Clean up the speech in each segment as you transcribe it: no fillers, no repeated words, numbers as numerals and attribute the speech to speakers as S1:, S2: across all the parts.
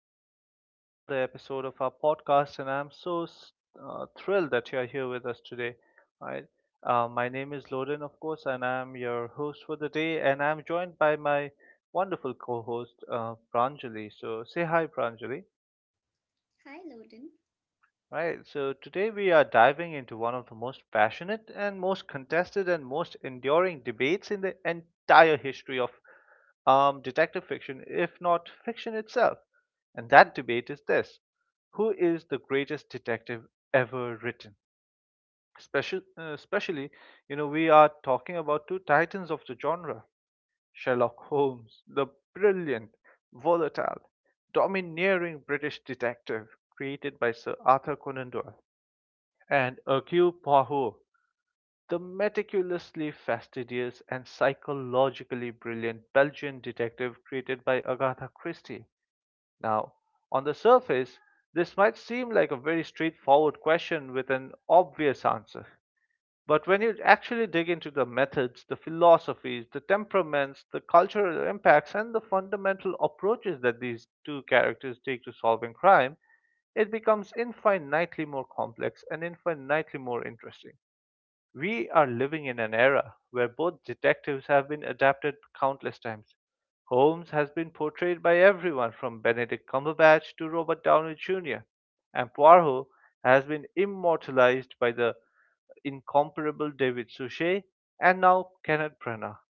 S1: welcome back to another episode of our podcast. And I'm so thrilled that you're here with us today. Right? My name is Loden, of course, and I'm your host for the day. And I'm joined by my wonderful co host, Pranjali. So say hi, Pranjali.
S2: Hi, Loden.
S1: Right, so today we are diving into one of the most passionate and most contested and most enduring debates in the entire history of detective fiction, if not fiction itself. And that debate is this. Who is the greatest detective ever written? Especially, we are talking about two titans of the genre. Sherlock Holmes, the brilliant, volatile, domineering British detective created by Sir Arthur Conan Doyle, and Hercule Poirot, the meticulously fastidious and psychologically brilliant Belgian detective created by Agatha Christie. Now, on the surface, this might seem like a very straightforward question with an obvious answer. But when you actually dig into the methods, the philosophies, the temperaments, the cultural impacts, and the fundamental approaches that these two characters take to solving crime, it becomes infinitely more complex and infinitely more interesting. We are living in an era where both detectives have been adapted countless times. Holmes has been portrayed by everyone from Benedict Cumberbatch to Robert Downey Jr., and Poirot has been immortalized by the incomparable David Suchet and now Kenneth Branagh.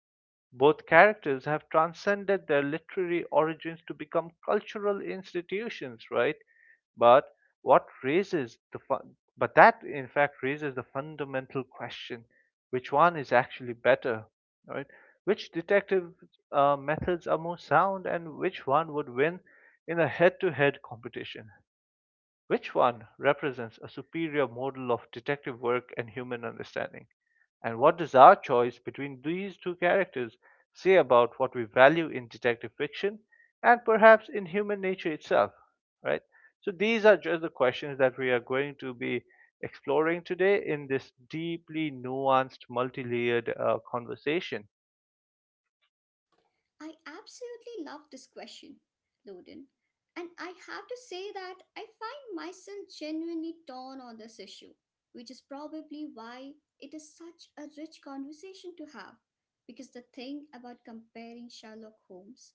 S1: Both characters have transcended their literary origins to become cultural institutions, right? But what raises the fun? But that, in fact, raises the fundamental question: which one is actually better, right? Which detective methods are more sound, and which one would win in a head-to-head competition? Which one represents a superior model of detective work and human understanding? And what does our choice between these two characters say about what we value in detective fiction and perhaps in human nature itself? Right? So, these are just the questions that we are going to be exploring today in this deeply nuanced, multi layered conversation.
S2: I absolutely love this question, Loden. And I have to say that I find myself genuinely torn on this issue, which is probably why it is such a rich conversation to have. Because the thing about comparing Sherlock Holmes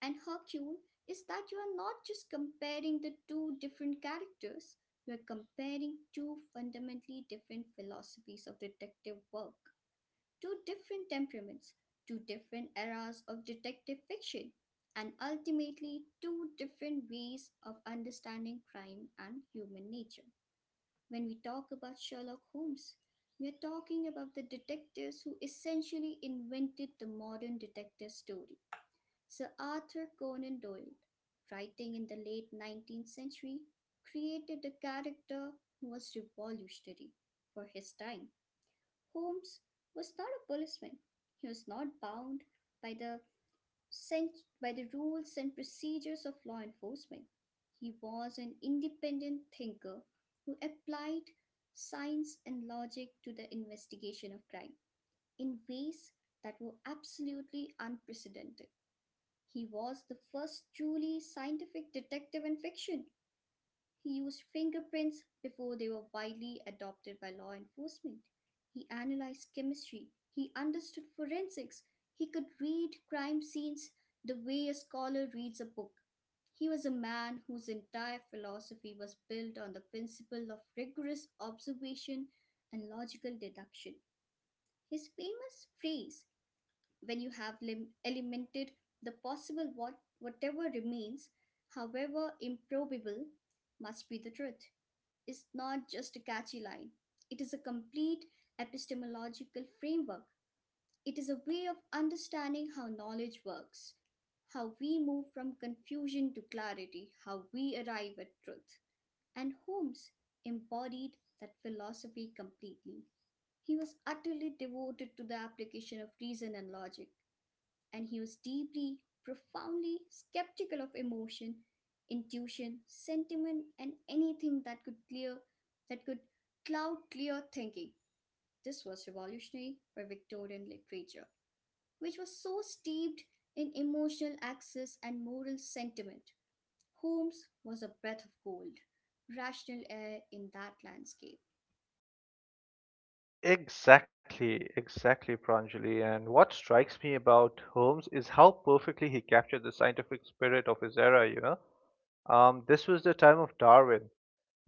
S2: and Hercule is that you are not just comparing the two different characters, you are comparing two fundamentally different philosophies of detective work. Two different temperaments, two different eras of detective fiction, and ultimately two different ways of understanding crime and human nature. When we talk about Sherlock Holmes, we are talking about the detectives who essentially invented the modern detective story. Sir Arthur Conan Doyle, writing in the late 19th century, created a character who was revolutionary for his time. Holmes was not a policeman. He was not bound by the by the rules and procedures of law enforcement. He was an independent thinker who applied science and logic to the investigation of crime in ways that were absolutely unprecedented. He was the first truly scientific detective in fiction. He used fingerprints before they were widely adopted by law enforcement. He analyzed chemistry. He understood forensics. He could read crime scenes the way a scholar reads a book. He was a man whose entire philosophy was built on the principle of rigorous observation and logical deduction. His famous phrase, when you have eliminated the possible, whatever remains, however improbable, must be the truth is not just a catchy line, it is a complete epistemological framework. It is a way of understanding how knowledge works, how we move from confusion to clarity, how we arrive at truth. And Holmes embodied that philosophy completely. He was utterly devoted to the application of reason and logic and he was deeply, profoundly skeptical of emotion, intuition, sentiment, and anything that could cloud clear thinking. This was revolutionary for Victorian literature, which was so steeped in emotional access and moral sentiment. Holmes was a breath of cold, rational air in that landscape.
S1: Exactly, exactly, Pranjali. And what strikes me about Holmes is how perfectly he captured the scientific spirit of his era, you know. This was the time of Darwin,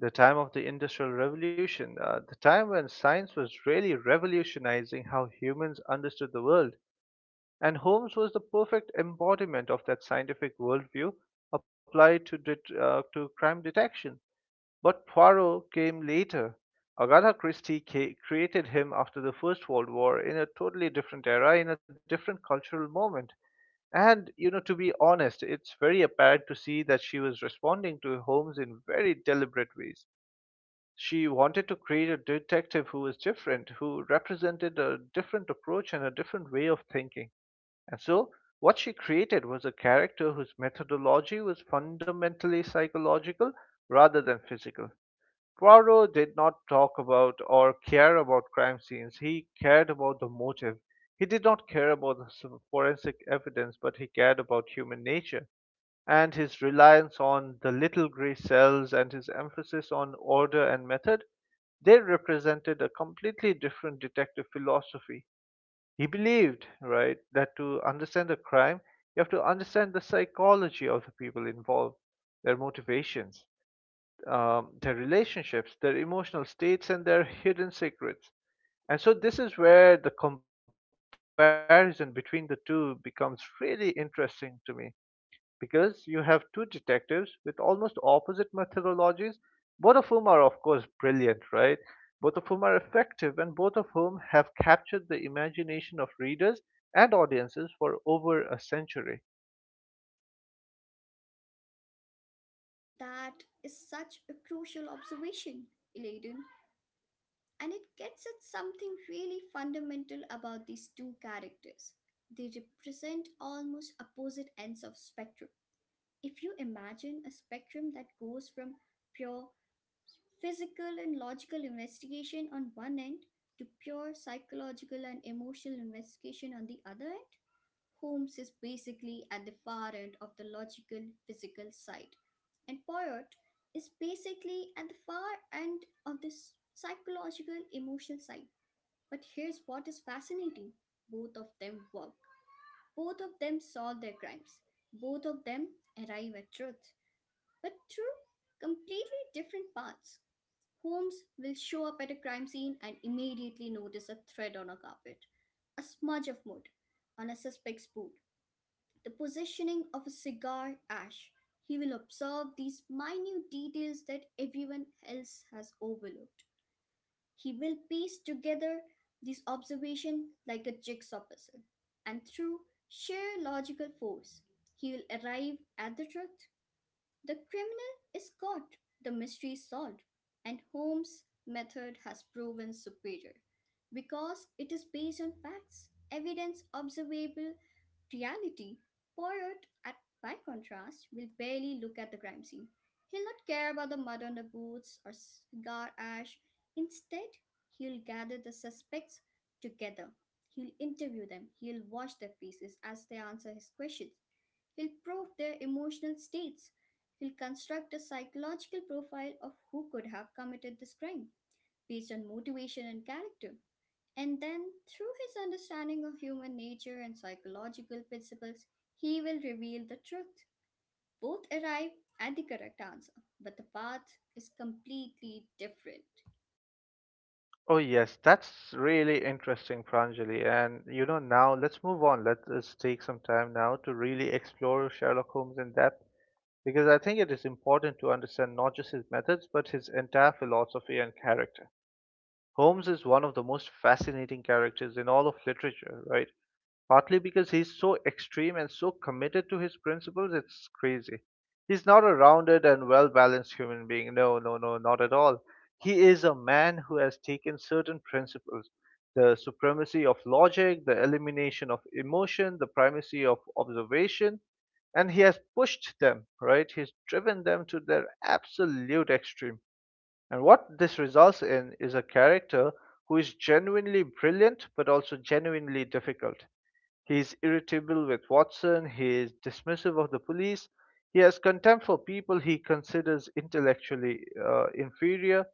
S1: the time of the Industrial Revolution, the time when science was really revolutionizing how humans understood the world. And Holmes was the perfect embodiment of that scientific worldview applied to to crime detection. But Poirot came later. Agatha Christie created him after the First World War in a totally different era, in a different cultural moment. And, you know, to be honest, it's very apparent to see that she was responding to Holmes in very deliberate ways. She wanted to create a detective who was different, who represented a different approach and a different way of thinking. And so, what she created was a character whose methodology was fundamentally psychological rather than physical. Poirot did not talk about or care about crime scenes. He cared about the motive. He did not care about the forensic evidence, but he cared about human nature, and his reliance on the little gray cells and his emphasis on order and method. They represented a completely different detective philosophy. He believed, right, that to understand a crime, you have to understand the psychology of the people involved, their motivations, their relationships, their emotional states, and their hidden secrets. And so, this is where the comparison between the two becomes really interesting to me because you have two detectives with almost opposite methodologies, both of whom are, of course, brilliant, right? Both of whom are effective, and both of whom have captured the imagination of readers and audiences for over a century.
S2: That is such a crucial observation, Eladen, and it gets at something really fundamental about these two characters. They represent almost opposite ends of spectrum. If you imagine a spectrum that goes from pure physical and logical investigation on one end to pure psychological and emotional investigation on the other end, Holmes is basically at the far end of the logical physical side, and Poyot is basically at the far end of the psychological emotional side, but here's what is fascinating. Both of them work, both of them solve their crimes, both of them arrive at truth, but through completely different paths. Holmes will show up at a crime scene and immediately notice a thread on a carpet, a smudge of mud on a suspect's boot, the positioning of a cigar ash. He will observe these minute details that everyone else has overlooked. He will piece together this observation like a jigsaw puzzle, and through sheer logical force, he will arrive at the truth. The criminal is caught, the mystery is solved, and Holmes' method has proven superior because it is based on facts, evidence, observable reality. Poirot, by contrast, will barely look at the crime scene. He'll not care about the mud on the boots or cigar ash. Instead, he'll gather the suspects together. He'll interview them. He'll watch their faces as they answer his questions. He'll probe their emotional states. He'll construct a psychological profile of who could have committed this crime based on motivation and character. And then, through his understanding of human nature and psychological principles, he will reveal the truth. Both arrive at the correct answer, but the path is completely different.
S1: Oh yes, that's really interesting, Pranjali. And you know, now let's move on. Let us take some time now to really explore Sherlock Holmes in depth because I think it is important to understand not just his methods but his entire philosophy and character. Holmes is one of the most fascinating characters in all of literature, right? Partly because he's so extreme and so committed to his principles, it's crazy. He's not a rounded and well balanced human being. No, no, no, not at all. He is a man who has taken certain principles, the supremacy of logic, the elimination of emotion, the primacy of observation, and he has pushed them, right? He's driven them to their absolute extreme. And what this results in is a character who is genuinely brilliant but also genuinely difficult. He is irritable with Watson, he is dismissive of the police, he has contempt for people he considers intellectually inferior,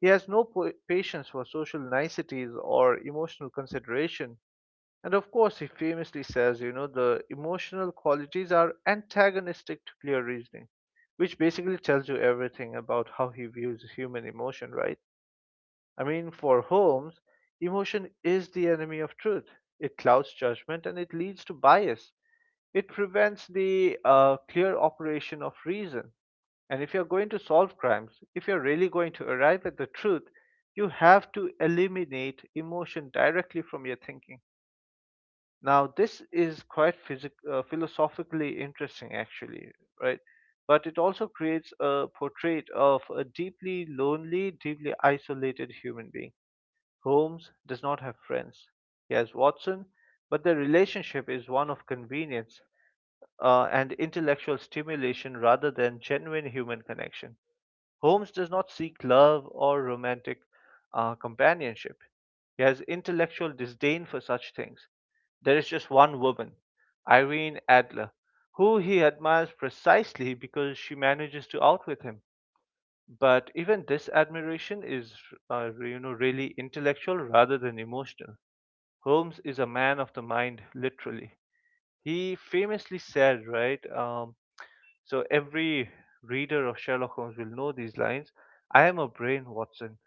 S1: he has no po- patience for social niceties or emotional consideration. And of course, he famously says, you know, the emotional qualities are antagonistic to clear reasoning, which basically tells you everything about how he views human emotion, right? I mean, for Holmes, emotion is the enemy of truth. It clouds judgment and it leads to bias. It prevents the clear operation of reason. And if you're going to solve crimes, if you're really going to arrive at the truth, you have to eliminate emotion directly from your thinking. Now, this is quite philosophically interesting, actually, right? But it also creates a portrait of a deeply lonely, deeply isolated human being. Holmes does not have friends. He has Watson, but their relationship is one of convenience and intellectual stimulation rather than genuine human connection. Holmes does not seek love or romantic companionship. He has intellectual disdain for such things. There is just one woman, Irene Adler, who he admires precisely because she manages to outwit him. But even this admiration is, really intellectual rather than emotional. Holmes is a man of the mind, literally. He famously said, right? So every reader of Sherlock Holmes will know these lines. I am a brain, Watson.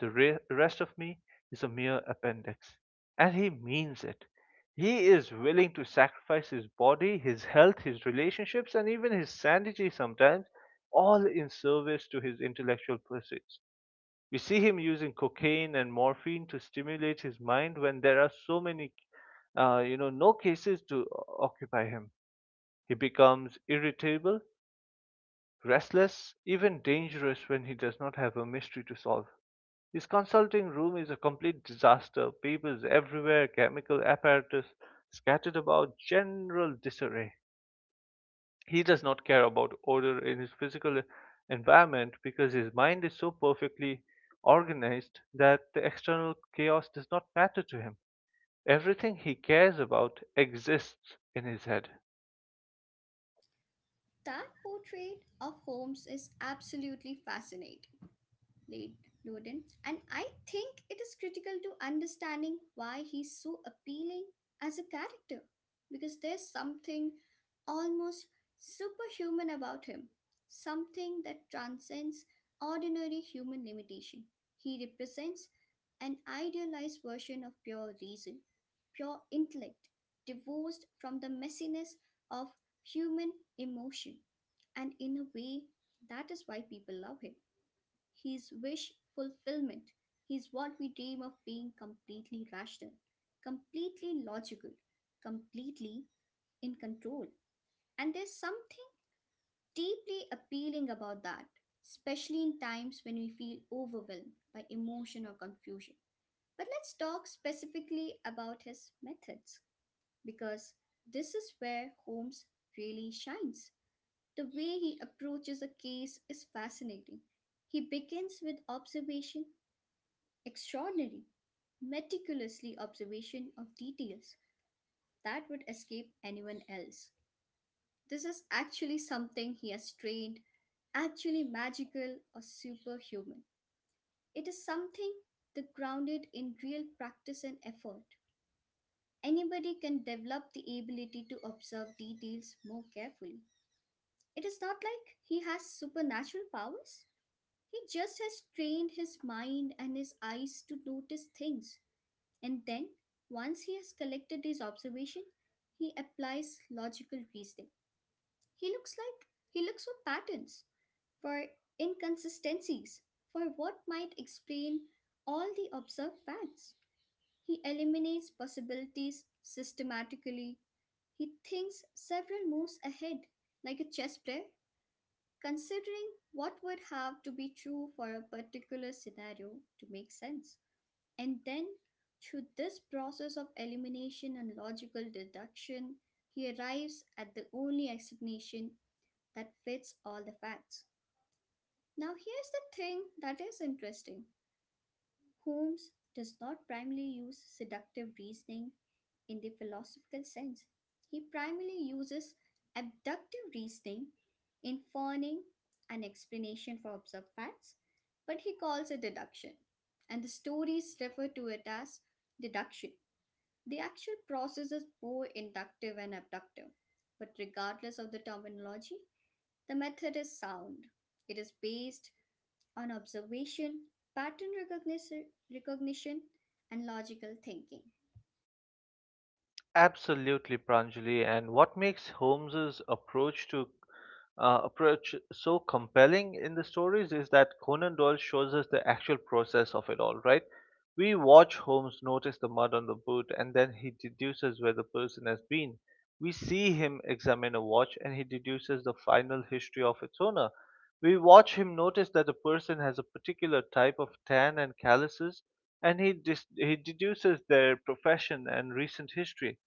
S1: The rest of me is a mere appendix. And he means it. He is willing to sacrifice his body, his health, his relationships, and even his sanity sometimes, all in service to his intellectual pursuits. We see him using cocaine and morphine to stimulate his mind when there are no cases to occupy him. He becomes irritable, restless, even dangerous when he does not have a mystery to solve. His consulting room is a complete disaster, papers everywhere, chemical apparatus scattered about, general disarray. He does not care about order in his physical environment because his mind is so perfectly organized that the external chaos does not matter to him. Everything he cares about exists in his head.
S2: That portrait of Holmes is absolutely fascinating, late Loden, and I think it is critical to understanding why he's so appealing as a character, because there's something almost superhuman about him, something that transcends ordinary human limitation. He represents an idealized version of pure reason, pure intellect, divorced from the messiness of human emotion, and in a way, that is why people love him. His wish fulfillment. He's what we dream of being: completely rational, completely logical, completely in control. And there's something deeply appealing about that, especially in times when we feel overwhelmed by emotion or confusion. But let's talk specifically about his methods, because this is where Holmes really shines. The way he approaches a case is fascinating. He begins with observation. Extraordinary, meticulously observation of details that would escape anyone else. This is actually something he has trained, actually magical or superhuman. It is something that grounded in real practice and effort. Anybody can develop the ability to observe details more carefully. It is not like he has supernatural powers. He just has trained his mind and his eyes to notice things. And then, once he has collected his observation, he applies logical reasoning. He looks for patterns, for inconsistencies, for what might explain all the observed facts. He eliminates possibilities systematically. He thinks several moves ahead, like a chess player, considering what would have to be true for a particular scenario to make sense. And then, through this process of elimination and logical deduction, he arrives at the only explanation that fits all the facts. Now, here's the thing that is interesting. Holmes does not primarily use seductive reasoning in the philosophical sense, he primarily uses abductive reasoning in fawning an explanation for observed facts, but he calls it deduction, and the stories refer to it as deduction. The actual process is both inductive and abductive, but regardless of the terminology, the method is sound. It is based on observation, pattern recognition, recognition and logical thinking.
S1: Absolutely, Pranjali. And what makes Holmes's approach so compelling in the stories is that Conan Doyle shows us the actual process of it all, right? We watch Holmes notice the mud on the boot and then he deduces where the person has been. We see him examine a watch and he deduces the final history of its owner. We watch him notice that the person has a particular type of tan and calluses and he deduces their profession and recent history,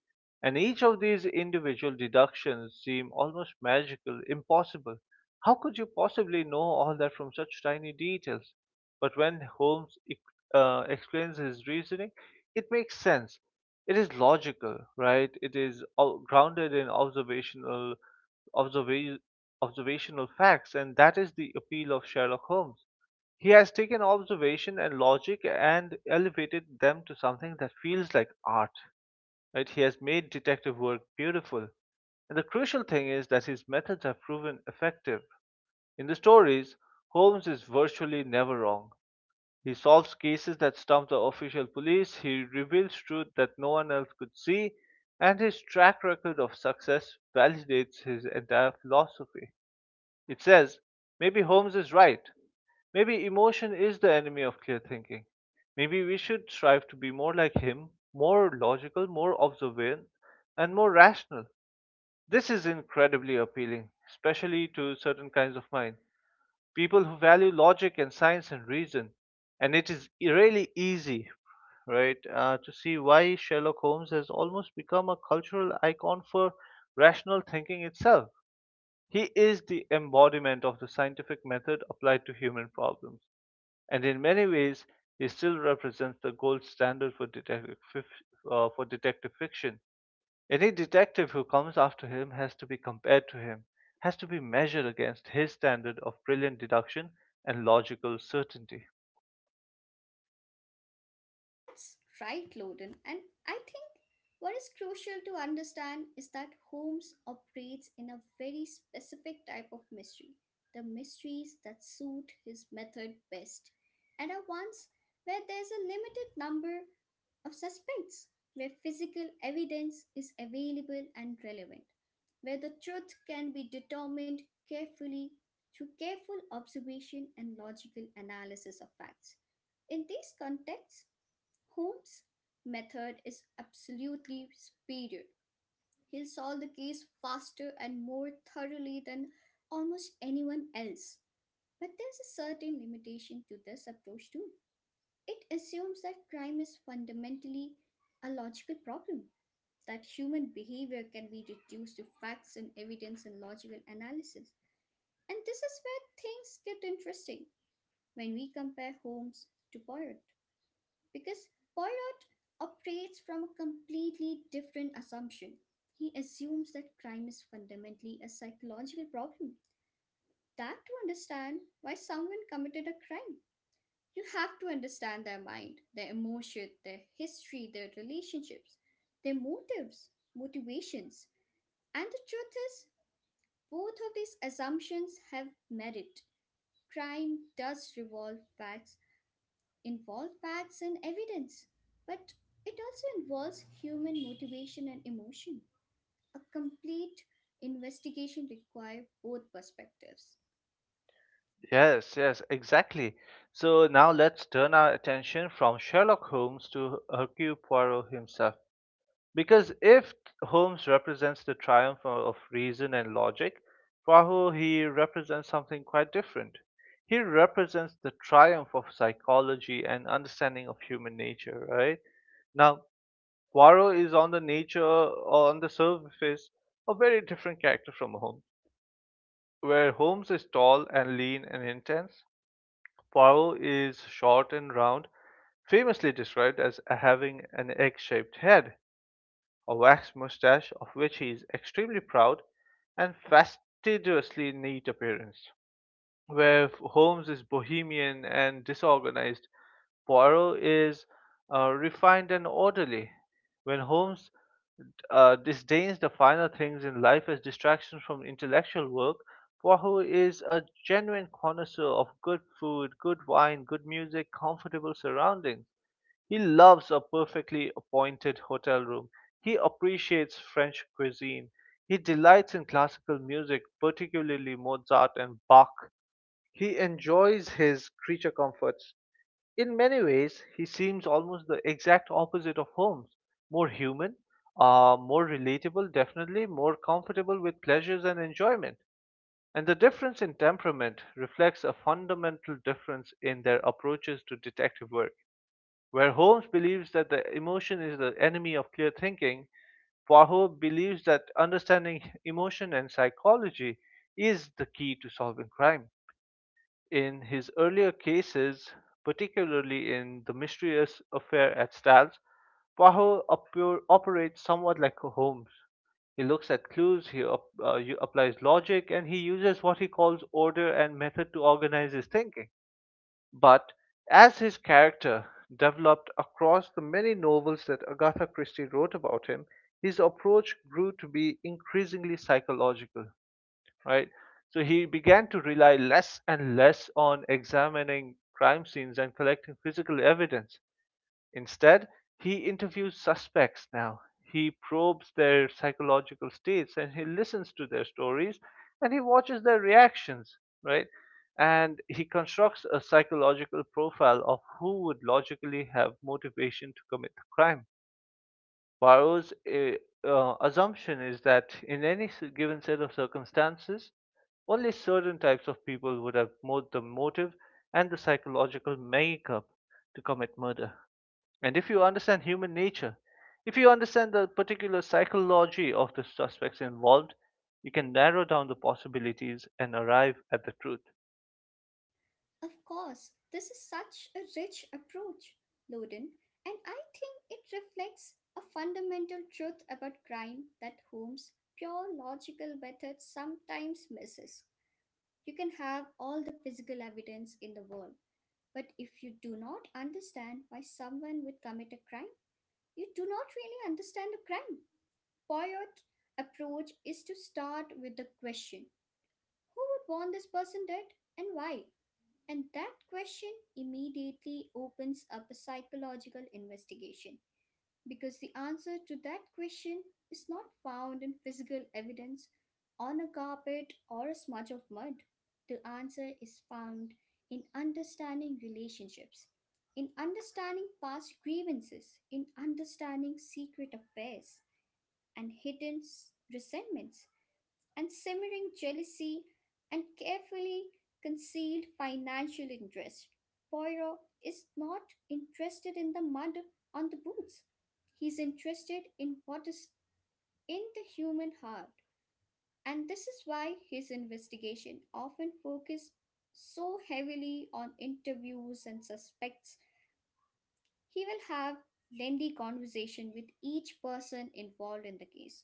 S1: and each of these individual deductions seem almost magical, impossible. How could you possibly know all that from such tiny details? But when Holmes explains his reasoning, it makes sense. It is logical, right? It is grounded in observa- observational facts, and that is the appeal of Sherlock Holmes. He has taken observation and logic and elevated them to something that feels like art. Right? He has made detective work beautiful. And the crucial thing is that his methods have proven effective. In the stories, Holmes is virtually never wrong. He solves cases that stump the official police, he reveals truth that no one else could see, and his track record of success validates his entire philosophy. It says, maybe Holmes is right. Maybe emotion is the enemy of clear thinking. Maybe we should strive to be more like him, more logical, more observant, and more rational. This is incredibly appealing, especially to certain kinds of mind. People who value logic and science and reason. And it is really easy, right, to see why Sherlock Holmes has almost become a cultural icon for rational thinking itself. He is the embodiment of the scientific method applied to human problems, and in many ways, he still represents the gold standard for for detective fiction. Any detective who comes after him has to be compared to him, has to be measured against his standard of brilliant deduction and logical certainty.
S2: That's right, Loden. And I think what is crucial to understand is that Holmes operates in a very specific type of mystery, the mysteries that suit his method best, and are ones where there's a limited number of suspects, where physical evidence is available and relevant, where the truth can be determined carefully through careful observation and logical analysis of facts. In these contexts, Holmes' method is absolutely superior. He'll solve the case faster and more thoroughly than almost anyone else. But there's a certain limitation to this approach, too. It assumes that crime is fundamentally a logical problem, that human behavior can be reduced to facts and evidence and logical analysis. And this is where things get interesting when we compare Holmes to Poirot, because Poirot operates from a completely different assumption. He assumes that crime is fundamentally a psychological problem. That to understand why someone committed a crime, you have to understand their mind, their emotion, their history, their relationships, their motives, motivations. And the truth is, both of these assumptions have merit. Crime does revolve facts. Involve facts and evidence, but it also involves human motivation and emotion. A complete investigation requires both perspectives.
S1: Yes, yes, exactly. So now let's turn our attention from Sherlock Holmes to Hercule Poirot himself. Because if Holmes represents the triumph of reason and logic, Poirot, he represents something quite different. He represents the triumph of psychology and understanding of human nature, right? Now, Poirot is on the nature or on the surface a very different character from Holmes. Where Holmes is tall and lean and intense, Poirot is short and round, famously described as having an egg shaped head, a waxed mustache of which he is extremely proud, and fastidiously neat appearance. Where Holmes is bohemian and disorganized, Poirot is refined and orderly. When Holmes disdains the finer things in life as distractions from intellectual work, Poirot is a genuine connoisseur of good food, good wine, good music, comfortable surroundings. He loves a perfectly appointed hotel room. He appreciates French cuisine. He delights in classical music, particularly Mozart and Bach. He enjoys his creature comforts. In many ways, he seems almost the exact opposite of Holmes, more human, more relatable, definitely more comfortable with pleasures and enjoyment. And the difference in temperament reflects a fundamental difference in their approaches to detective work. Where Holmes believes that the emotion is the enemy of clear thinking, Poirot believes that understanding emotion and psychology is the key to solving crime. In his earlier cases, particularly in The Mysterious Affair at Styles, operates somewhat like Holmes. He looks at clues, he applies logic, and he uses what he calls order and method to organize his thinking. But as his character developed across the many novels that Agatha Christie wrote about him, his approach grew to be increasingly psychological, right? So he began to rely less and less on examining crime scenes and collecting physical evidence. Instead, he interviews suspects now. He probes their psychological states and he listens to their stories and he watches their reactions, right? And he constructs a psychological profile of who would logically have motivation to commit the crime. Poirot's assumption is that in any given set of circumstances, only certain types of people would have both the motive and the psychological makeup to commit murder. And if you understand human nature, if you understand the particular psychology of the suspects involved, you can narrow down the possibilities and arrive at the truth.
S2: Of course, this is such a rich approach, Loden, and I think it reflects a fundamental truth about crime that Holmes' pure logical method sometimes misses. You can have all the physical evidence in the world, but if you do not understand why someone would commit a crime, you do not really understand the crime. Poyot approach is to start with the question: who would want this person dead and why? And that question immediately opens up a psychological investigation. Because the answer to that question is not found in physical evidence on a carpet or a smudge of mud. The answer is found in understanding relationships, in understanding past grievances, in understanding secret affairs and resentments and simmering jealousy and carefully concealed financial interest. Poirot is not interested in the mud on the boots. He's interested in what is in the human heart. And this is why his investigation often focuses so heavily on interviews and suspects. He will have lengthy conversation with each person involved in the case,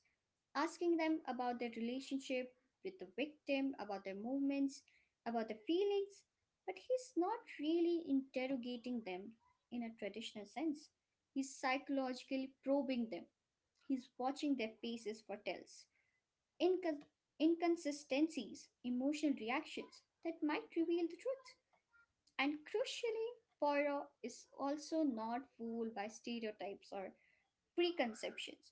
S2: asking them about their relationship with the victim, about their movements, about their feelings, but he's not really interrogating them in a traditional sense. He's psychologically probing them, he's watching their faces for tells, incon- inconsistencies, emotional reactions that might reveal the truth. And crucially, Poirot is also not fooled by stereotypes or preconceptions.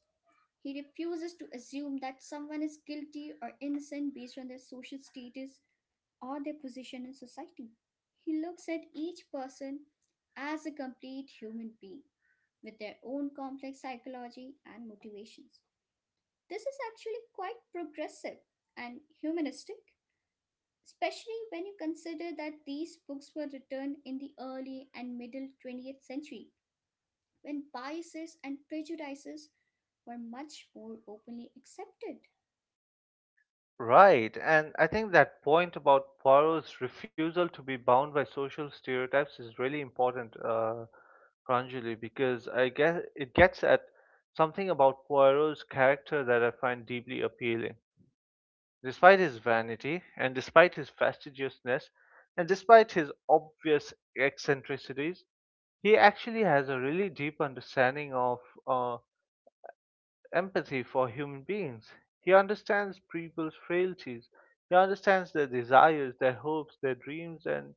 S2: He refuses to assume that someone is guilty or innocent based on their social status or their position in society. He looks at each person as a complete human being with their own complex psychology and motivations. This is actually quite progressive and humanistic, especially when you consider that these books were written in the early and middle 20th century when biases and prejudices were much more openly accepted.
S1: Right, and I think that point about Poirot's refusal to be bound by social stereotypes is really important, Pranjali, because I guess it gets at something about Poirot's character that I find deeply appealing. Despite his vanity, and despite his fastidiousness, and despite his obvious eccentricities, he actually has a really deep understanding of, uh, empathy for human beings. He understands people's frailties, he understands their desires, their hopes, their dreams, and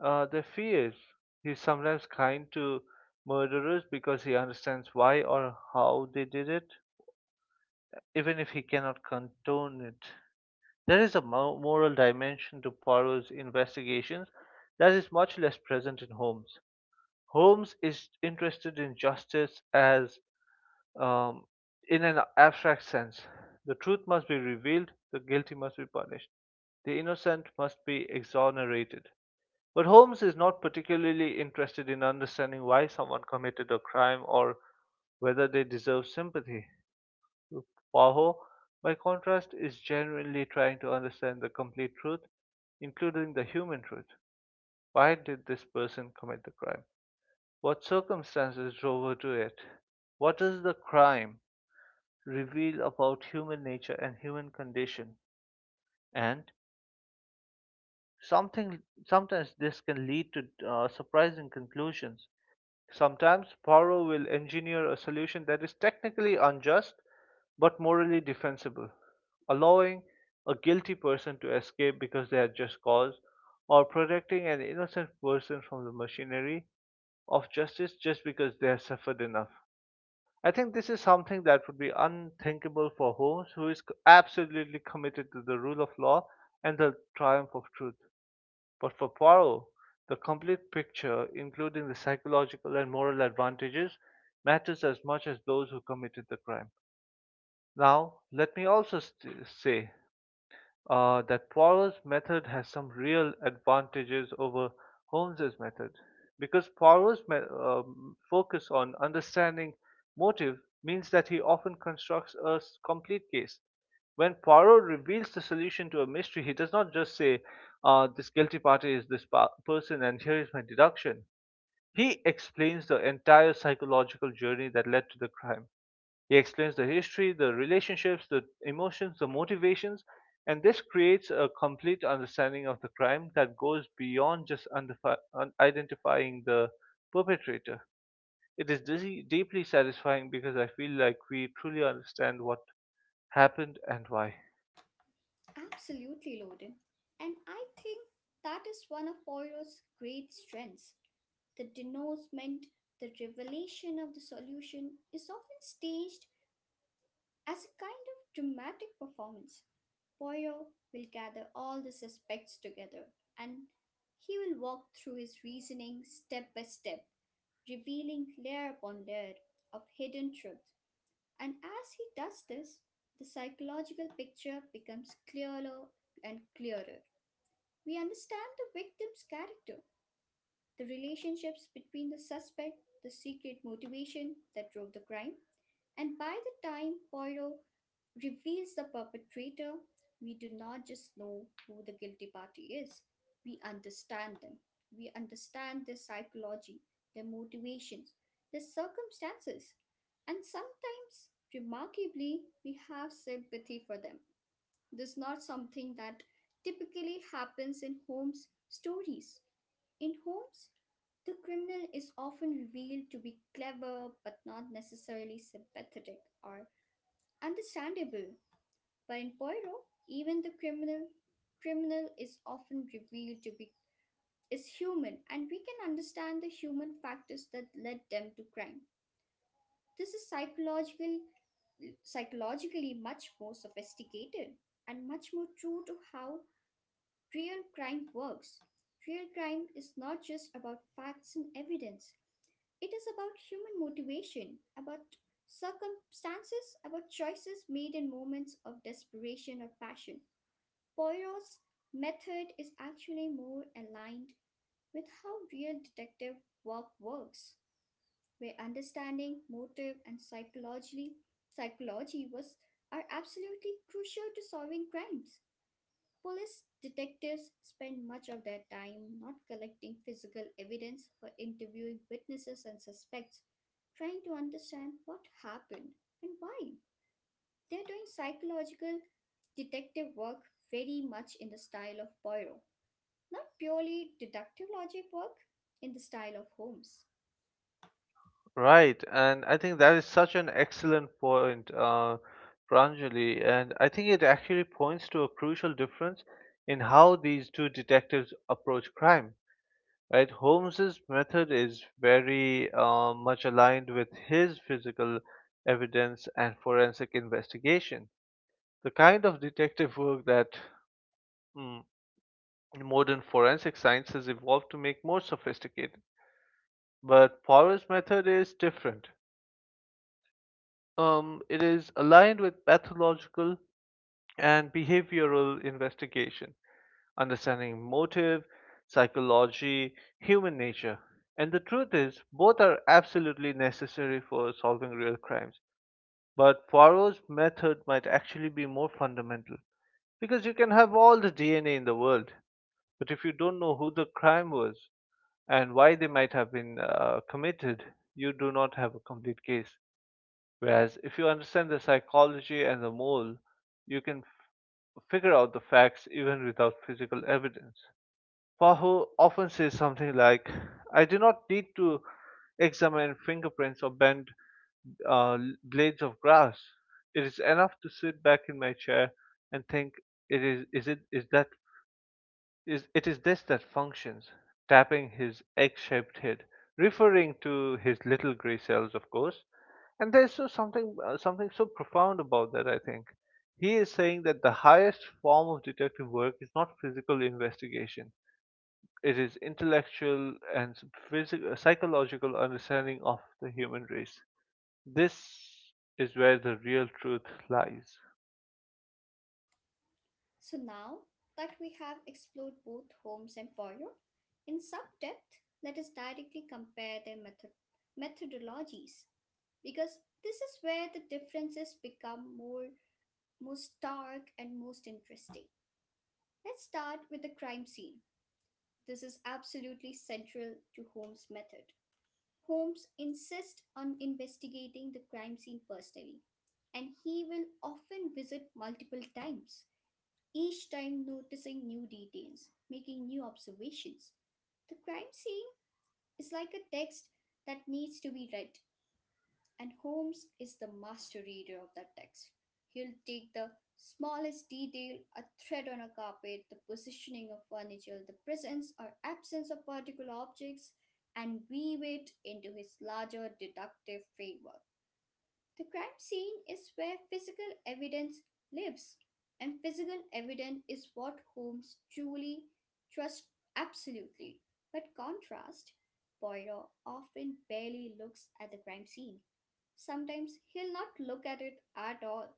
S1: their fears. He's sometimes kind to murderers because he understands why or how they did it, even if he cannot condone it. There is a moral dimension to Poirot's investigations that is much less present in Holmes. Holmes is interested in justice as, um, in an abstract sense. The truth must be revealed, the guilty must be punished, the innocent must be exonerated. But Holmes is not particularly interested in understanding why someone committed a crime or whether they deserve sympathy. Paho, by contrast, is genuinely trying to understand the complete truth, including the human truth. Why did this person commit the crime? What circumstances drove her to it? What does the crime reveal about human nature and human condition? And something sometimes this can lead to surprising conclusions. Sometimes Poirot will engineer a solution that is technically unjust but morally defensible, allowing a guilty person to escape because they had just cause, or protecting an innocent person from the machinery of justice just because they have suffered enough. I think this is something that would be unthinkable for Holmes, who is absolutely committed to the rule of law and the triumph of truth. But for Poirot, the complete picture, including the psychological and moral advantages, matters as much as those who committed the crime. Now, let me also say that Poirot's method has some real advantages over Holmes's method, because Poirot's focus on understanding motive means that he often constructs a complete case. When Poirot reveals the solution to a mystery, he does not just say, "This guilty party is this person, and here is my deduction." He explains the entire psychological journey that led to the crime. He explains the history, the relationships, the emotions, the motivations, and this creates a complete understanding of the crime that goes beyond just identifying the perpetrator. It is dizzy, deeply satisfying because I feel like we truly understand what happened and why.
S2: Absolutely, Loden. And I think that is one of Poirot's great strengths. The denouement, the revelation of the solution, is often staged as a kind of dramatic performance. Poirot will gather all the suspects together and he will walk through his reasoning step by step, revealing layer upon layer of hidden truth. And as he does this, the psychological picture becomes clearer and clearer. We understand the victim's character, the relationships between the suspect, the secret motivation that drove the crime, and by the time Poirot reveals the perpetrator, we do not just know who the guilty party is, we understand them. We understand their psychology, their motivations, their circumstances, and sometimes, remarkably, we have sympathy for them. This is not something that typically happens in Holmes' stories. In homes, the criminal is often revealed to be clever but not necessarily sympathetic or understandable. But in Poirot, even the criminal is often revealed to be is human, and we can understand the human factors that led them to crime. This is psychologically much more sophisticated and much more true to how real crime works. Real crime is not just about facts and evidence, it is about human motivation, about circumstances, about choices made in moments of desperation or passion. Poirot's method is actually more aligned with how real detective work works, where understanding, motive, and psychology was are absolutely crucial to solving crimes. Police detectives spend much of their time not collecting physical evidence but interviewing witnesses and suspects, trying to understand what happened and why. They're doing psychological detective work very much in the style of Poirot, not purely deductive logic work in the style of Holmes.
S1: Right, and I think that is such an excellent point, Pranjali, and I think it actually points to a crucial difference in how these two detectives approach crime. Right, Holmes's method is very much aligned with his physical evidence and forensic investigation. The kind of detective work that, mm, modern forensic science has evolved to make more sophisticated. But Poirot's method is different. It is aligned with pathological and behavioral investigation, understanding motive, psychology, human nature. And the truth is, both are absolutely necessary for solving real crimes. But Poirot's method might actually be more fundamental. Because you can have all the DNA in the world, but if you don't know who the crime was and why they might have been committed, you do not have a complete case. Whereas if you understand the psychology and the mole, you can figure out the facts even without physical evidence. Fahu often says something like, I do not need to examine fingerprints or bend, uh, blades of grass. It is enough to sit back in my chair and think. It is it is that is it is this that functions, tapping his egg shaped head, referring to his little grey cells, of course. And there's so something, something so profound about that, I think. He is saying that the highest form of detective work is not physical investigation. It is intellectual and physical, psychological understanding of the human race. This is where the real truth lies.
S2: So now that we have explored both Holmes and Poirot in some depth, let us directly compare their methodologies, because this is where the differences become more most stark and most interesting. Let's start with the crime scene. This is absolutely central to Holmes' method. Holmes insists on investigating the crime scene personally, and he will often visit multiple times, each time noticing new details, making new observations. The crime scene is like a text that needs to be read. And Holmes is the master reader of that text. He'll take the smallest detail, a thread on a carpet, the positioning of furniture, the presence or absence of particular objects, and weave it into his larger deductive framework. The crime scene is where physical evidence lives, and physical evidence is what Holmes truly trusts absolutely. But contrast, Poirot often barely looks at the crime scene. Sometimes he'll not look at it at all.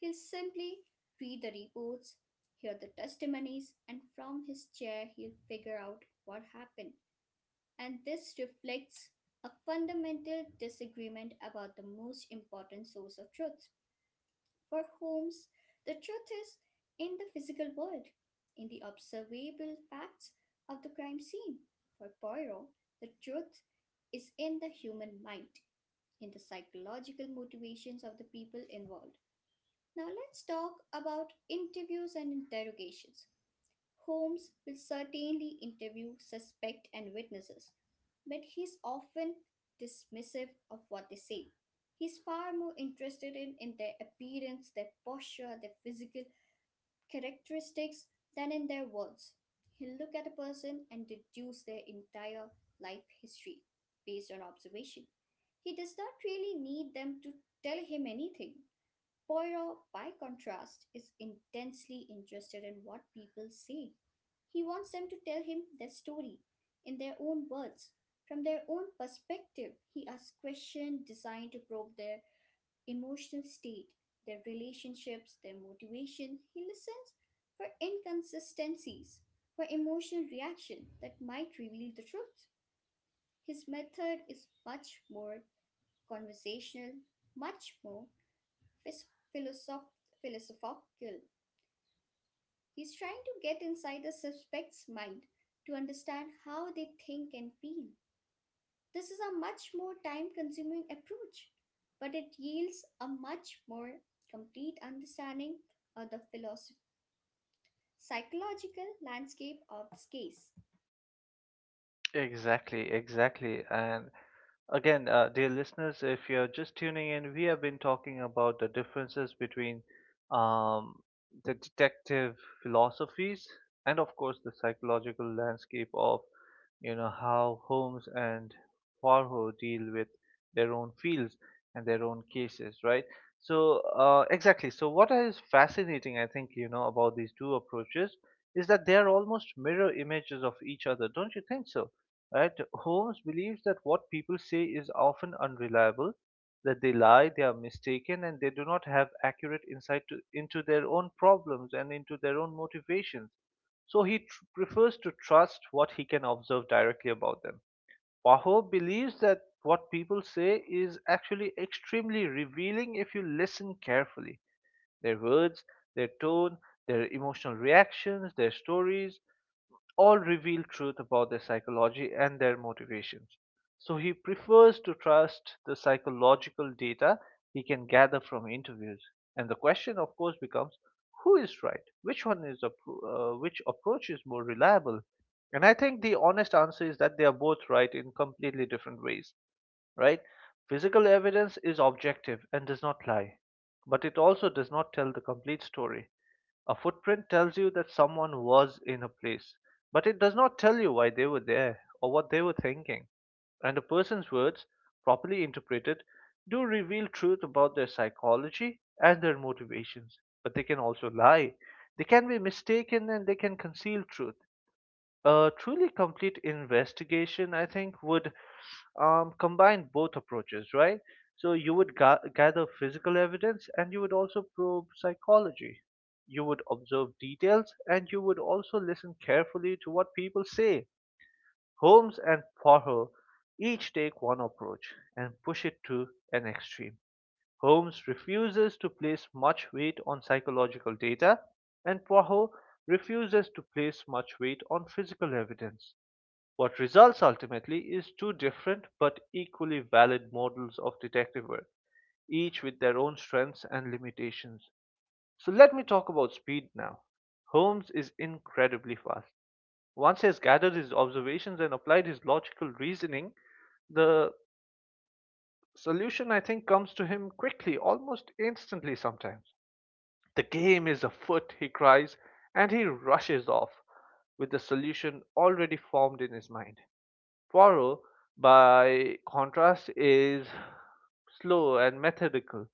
S2: He'll simply read the reports, hear the testimonies, and from his chair he'll figure out what happened. And this reflects a fundamental disagreement about the most important source of truth. For Holmes, the truth is in the physical world, in the observable facts of the crime scene. For Poirot, the truth is in the human mind, in the psychological motivations of the people involved. Now let's talk about interviews and interrogations. Holmes will certainly interview suspect and witnesses, but he's often dismissive of what they say. He's far more interested in their appearance, their posture, their physical characteristics than in their words. He'll look at a person and deduce their entire life history based on observation. He does not really need them to tell him anything. Poirot, by contrast, is intensely interested in what people say. He wants them to tell him their story in their own words. From their own perspective, he asks questions designed to probe their emotional state, their relationships, their motivation. He listens for inconsistencies, for emotional reaction that might reveal the truth. His method is much more conversational, much more phis- philosoph- philosophical. He's trying to get inside the suspect's mind to understand how they think and feel. This is a much more time consuming approach, but it yields a much more complete understanding of the psychological landscape of this case.
S1: Exactly, exactly. And again, dear listeners, if you're just tuning in, we have been talking about the differences between, um, the detective philosophies and, of course, the psychological landscape of, you know, how Holmes and Poirot deal with their own fields and their own cases, right? So exactly. So what is fascinating, I think, you know, about these two approaches is that they are almost mirror images of each other. Don't you think so? Right? Holmes believes that what people say is often unreliable, that they lie, they are mistaken, and they do not have accurate insight into their own problems and into their own motivations. So he prefers to trust what he can observe directly about them. Paho believes that what people say is actually extremely revealing if you listen carefully. Their words, their tone, their emotional reactions, their stories, all reveal truth about their psychology and their motivations. So he prefers to trust the psychological data he can gather from interviews. And the question, of course, becomes, who is right? Which approach is more reliable? And I think the honest answer is that they are both right in completely different ways, right? Physical evidence is objective and does not lie, but it also does not tell the complete story. A footprint tells you that someone was in a place, but it does not tell you why they were there or what they were thinking. And a person's words, properly interpreted, do reveal truth about their psychology and their motivations, but they can also lie. They can be mistaken and they can conceal truth. A truly complete investigation, I think, would, combine both approaches, right? So you would gather physical evidence and you would also probe psychology. You would observe details and you would also listen carefully to what people say. Holmes and Poirot each take one approach and push it to an extreme. Holmes refuses to place much weight on psychological data, and Poirot refuses to place much weight on physical evidence. What results ultimately is two different but equally valid models of detective work, each with their own strengths and limitations. So let me talk about speed now. Holmes is incredibly fast. Once he has gathered his observations and applied his logical reasoning, the solution, I think, comes to him quickly, almost instantly sometimes. The game is afoot, he cries, and he rushes off with the solution already formed in his mind. Poirot, by contrast, is slow and methodical.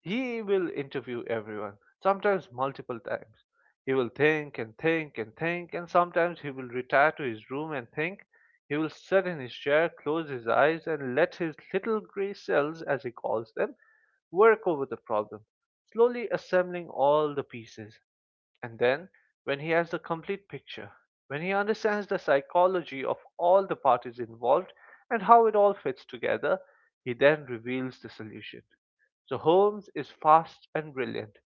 S1: He will interview everyone, sometimes multiple times. He will think and think and think, and sometimes he will retire to his room and think. He will sit in his chair, close his eyes, and let his little gray cells, as he calls them, work over the problem, slowly assembling all the pieces. And then, when he has the complete picture, when he understands the psychology of all the parties involved and how it all fits together, he then reveals the solution. So Holmes is fast and brilliant.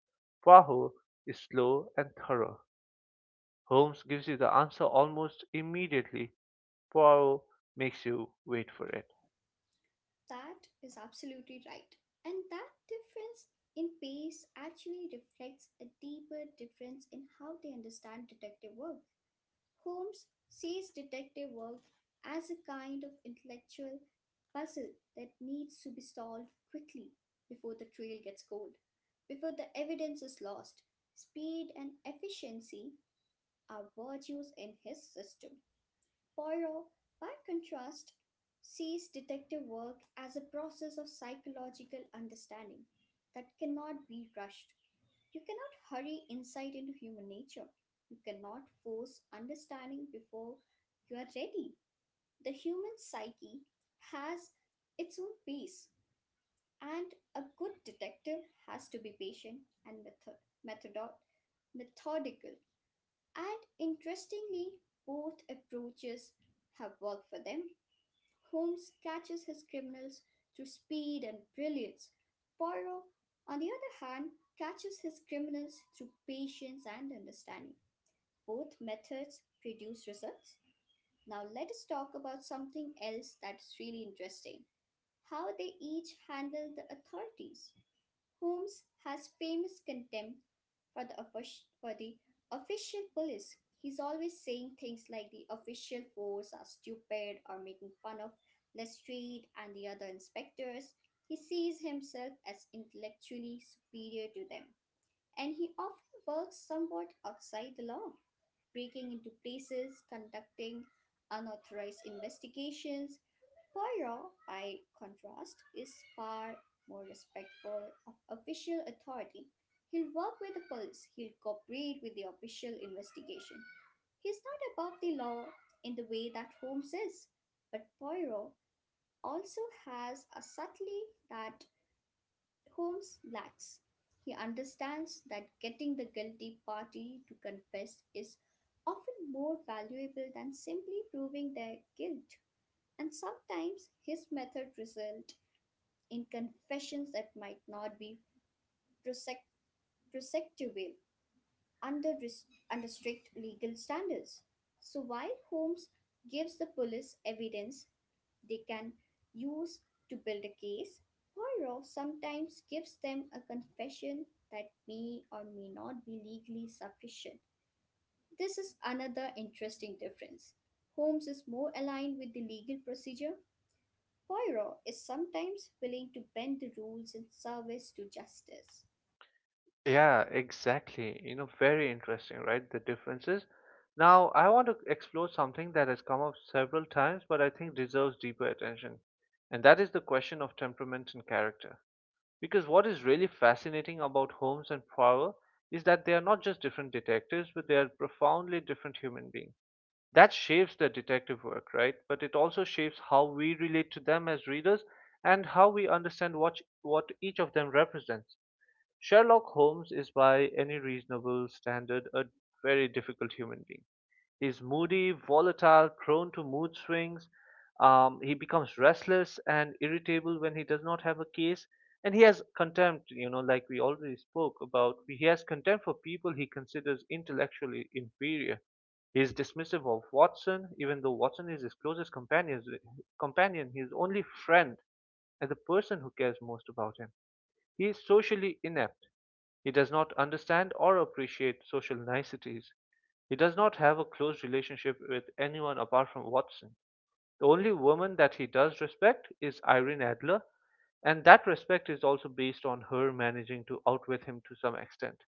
S1: Poirot is slow and thorough. Holmes gives you the answer almost immediately. Poirot makes you wait for it.
S2: That is absolutely right. And that difference in pace actually reflects a deeper difference in how they understand detective work. Holmes sees detective work as a kind of intellectual puzzle that needs to be solved quickly before the trail gets cold, before the evidence is lost. Speed and efficiency are virtues in his system. Poirot, by contrast, sees detective work as a process of psychological understanding that cannot be rushed. You cannot hurry insight into human nature. You cannot force understanding before you are ready. The human psyche has its own pace, and a good detective has to be patient and methodod, methodical. And interestingly, both approaches have worked for them. Holmes catches his criminals through speed and brilliance. Poirot, on the other hand, catches his criminals through patience and understanding. Both methods produce results. Now, let us talk about something else that's really interesting: how they each handle the authorities. Holmes has famous contempt for the official police. He's always saying things like the official force are stupid, or making fun of Lestrade and the other inspectors. He sees himself as intellectually superior to them, and he often works somewhat outside the law, breaking into places, conducting unauthorized investigations. Poirot, by contrast, is far more respectful of official authority. He'll work with the police, he'll cooperate with the official investigation. He's not above the law in the way that Holmes is, but Poirot also has a subtlety that Holmes lacks. He understands that getting the guilty party to confess is often more valuable than simply proving their guilt, and sometimes his method result in confessions that might not be prosec- prosecutable under, res- under strict legal standards. So while Holmes gives the police evidence they can use to build a case, Poirot sometimes gives them a confession that may or may not be legally sufficient. This is another interesting difference. Holmes is more aligned with the legal procedure. Poirot is sometimes willing to bend the rules in service to justice.
S1: Yeah, exactly. You know, very interesting, right? The differences. Now, I want to explore something that has come up several times, but I think deserves deeper attention. And that is the question of temperament and character. Because what is really fascinating about Holmes and Poirot is that they are not just different detectives, but they are profoundly different human beings. That shapes their detective work, right? But it also shapes how we relate to them as readers and how we understand what each of them represents. Sherlock Holmes is by any reasonable standard a very difficult human being. He's moody, volatile, prone to mood swings. He becomes restless and irritable when he does not have a case. And he has contempt, you know, like we already spoke about. He has contempt for people he considers intellectually inferior. He is dismissive of Watson, even though Watson is his closest companion, his only friend, and the person who cares most about him. He is socially inept. He does not understand or appreciate social niceties. He does not have a close relationship with anyone apart from Watson. The only woman that he does respect is Irene Adler, and that respect is also based on her managing to outwit him to some extent,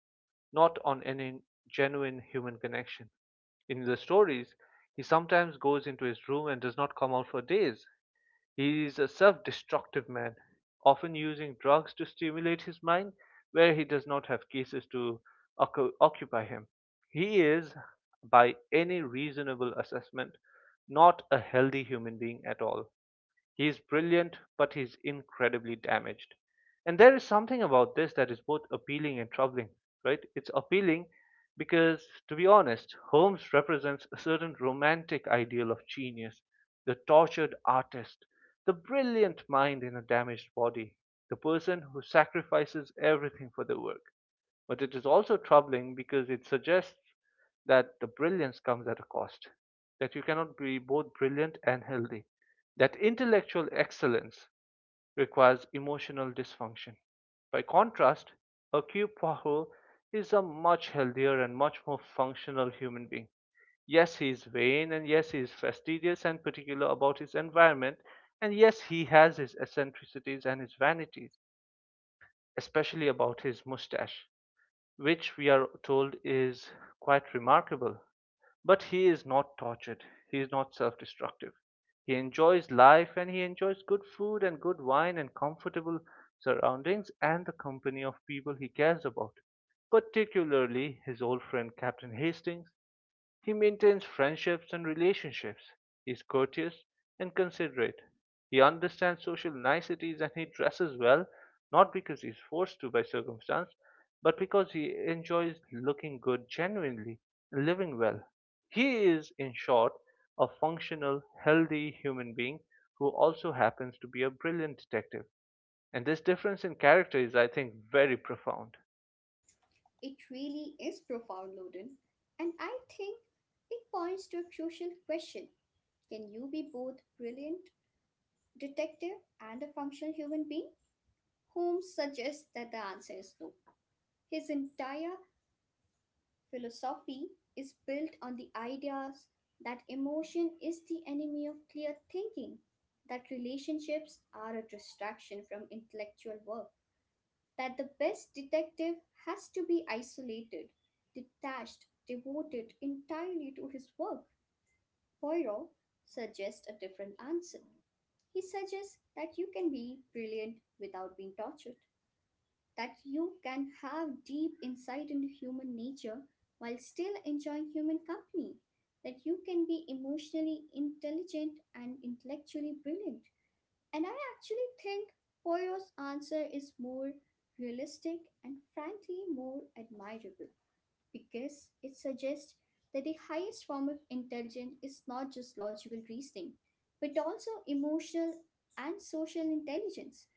S1: not on any genuine human connection. In the stories, he sometimes goes into his room and does not come out for days. He is a self destructive man, often using drugs to stimulate his mind where he does not have cases to occupy him. He is, by any reasonable assessment, not a healthy human being at all. He is brilliant, but he's incredibly damaged. And there is something about this that is both appealing and troubling, right? It's appealing because, to be honest, Holmes represents a certain romantic ideal of genius, the tortured artist, the brilliant mind in a damaged body, the person who sacrifices everything for the work. But it is also troubling because it suggests that the brilliance comes at a cost, that you cannot be both brilliant and healthy, that intellectual excellence requires emotional dysfunction. By contrast, Hercule Poirot is a much healthier and much more functional human being. Yes, he is vain, and yes, he is fastidious and particular about his environment, and yes, he has his eccentricities and his vanities, especially about his mustache, which we are told is quite remarkable but he is not tortured. He is not self destructive. He enjoys life and he enjoys good food and good wine and comfortable surroundings and the company of people he cares about, particularly his old friend Captain Hastings he maintains friendships and relationships. He is courteous and considerate. He understands social niceties and he dresses well, not because he is forced to by circumstance, but because he enjoys looking good genuinely and living well. He is, in short, a functional, healthy human being who also happens to be a brilliant detective. And this difference in character is, I think, very profound.
S2: It really is profound, Loden, and I think it points to a crucial question. Can you be both brilliant detective and a functional human being? Holmes suggests that the answer is no. His entire philosophy is built on the ideas that emotion is the enemy of clear thinking, that relationships are a distraction from intellectual work, that the best detective has to be isolated, detached, devoted entirely to his work. Poirot suggests a different answer. He suggests that you can be brilliant without being tortured, that you can have deep insight into human nature while still enjoying human company, that you can be emotionally intelligent and intellectually brilliant. And I actually think Poirot's answer is more realistic and frankly more admirable, because it suggests that the highest form of intelligence is not just logical reasoning but also emotional and social intelligence.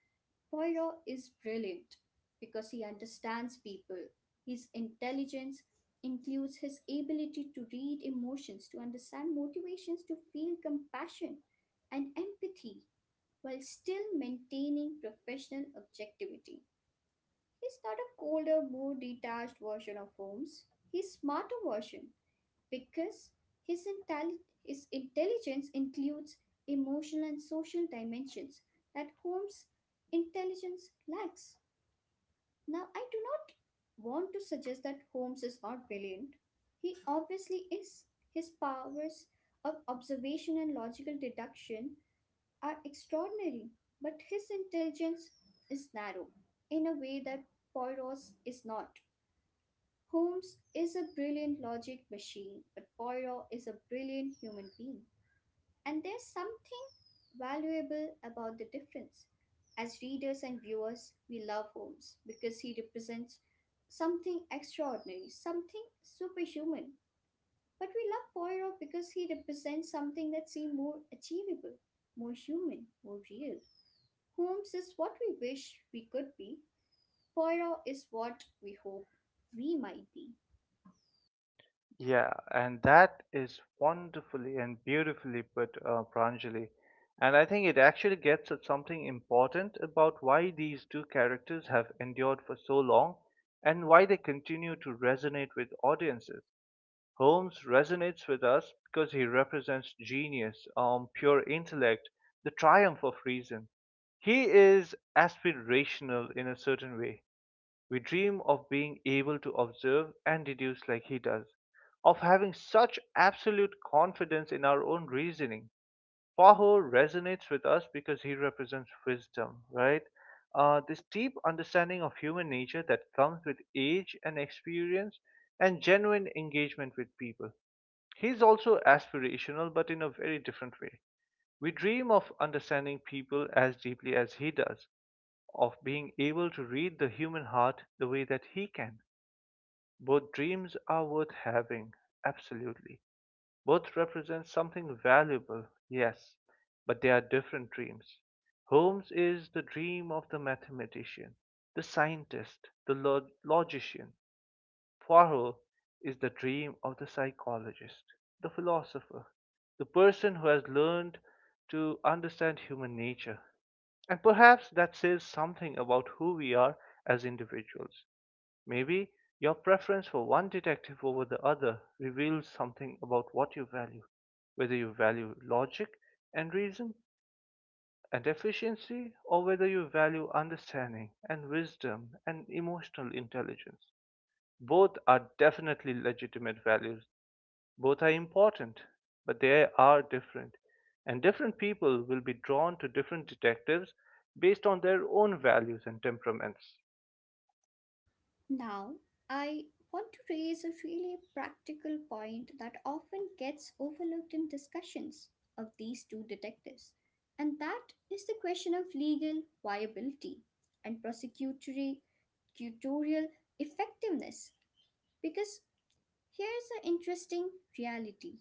S2: Poirot is brilliant because he understands people. His intelligence includes his ability to read emotions, to understand motivations, to feel compassion and empathy while still maintaining professional objectivity. He's not a colder, more detached version of Holmes. He's smarter version because his intelligence includes emotional and social dimensions that Holmes' intelligence lacks. Now, I do not want to suggest that Holmes is not brilliant. He obviously is. His powers of observation and logical deduction are extraordinary, but his intelligence is narrow in a way that Poirot's is not. Holmes is a brilliant logic machine, but Poirot is a brilliant human being. And there's something valuable about the difference. As readers and viewers, we love Holmes because he represents something extraordinary, something superhuman. But we love Poirot because he represents something that seems more achievable, more human, more real. Holmes is what we wish we could be. Poirot is what we hope we might be.
S1: Yeah, and that is wonderfully and beautifully put, Pranjali. And I think it actually gets at something important about why these two characters have endured for so long and why they continue to resonate with audiences. Holmes resonates with us because he represents genius, pure intellect, the triumph of reason. He is aspirational in a certain way. We dream of being able to observe and deduce like he does, of having such absolute confidence in our own reasoning. Faho resonates with us because he represents wisdom, right? This deep understanding of human nature that comes with age and experience and genuine engagement with people. He's also aspirational, but in a very different way. We dream of understanding people as deeply as he does, of being able to read the human heart the way that he can. Both dreams are worth having, absolutely. Both represent something valuable, yes, but they are different dreams. Holmes is the dream of the mathematician, the scientist, the logician. Poirot is the dream of the psychologist, the philosopher, the person who has learned to understand human nature. And perhaps that says something about who we are as individuals. Maybe your preference for one detective over the other reveals something about what you value, whether you value logic and reason and efficiency or whether you value understanding and wisdom and emotional intelligence. Both are definitely legitimate values. Both are important, but they are different. And different people will be drawn to different detectives based on their own values and temperaments.
S2: Now, I want to raise a really practical point that often gets overlooked in discussions of these two detectives, and that is the question of legal viability and prosecutory tutorial effectiveness, because here's an interesting reality.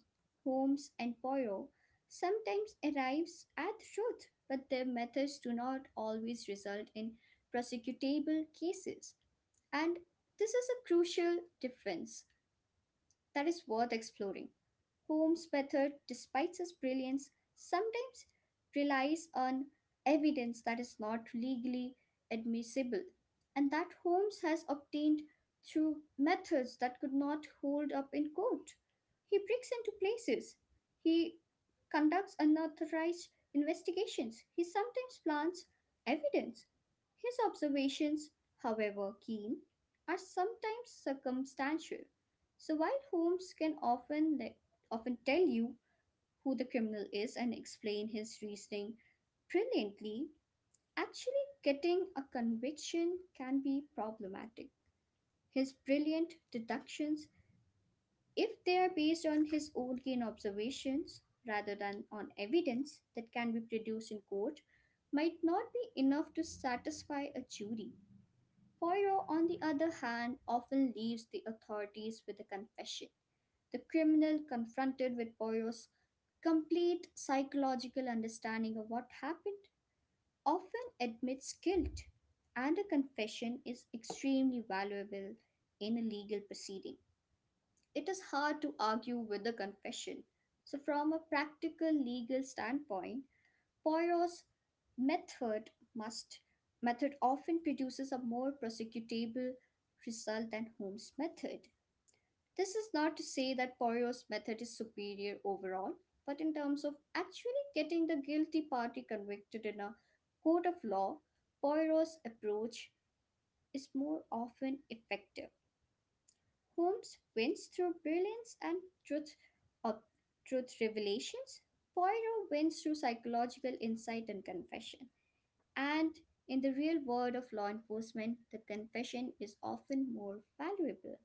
S2: Holmes and Poirot sometimes arrives at truth, but their methods do not always result in prosecutable cases. And this is a crucial difference that is worth exploring. Holmes' method, despite its brilliance, sometimes relies on evidence that is not legally admissible and that Holmes has obtained through methods that could not hold up in court. He breaks into places. He conducts unauthorized investigations. He sometimes plants evidence. His observations, however keen, are sometimes circumstantial. So while Holmes can often tell you who the criminal is and explain his reasoning brilliantly, actually getting a conviction can be problematic. His brilliant deductions, if they are based on his own keen observations rather than on evidence that can be produced in court, might not be enough to satisfy a jury. Poirot, on the other hand, often leaves the authorities with a confession. The criminal confronted with Poirot's complete psychological understanding of what happened often admits guilt, and a confession is extremely valuable in a legal proceeding. It is hard to argue with a confession. So, from a practical legal standpoint, Poirot's method must method often produces a more prosecutable result than Holmes' method. This is not to say that Poirot's method is superior overall, but in terms of actually getting the guilty party convicted in a court of law, Poirot's approach is more often effective. Holmes wins through brilliance and truth of truth revelations. Poirot wins through psychological insight and confession. And in the real world of law enforcement, the confession is often more valuable.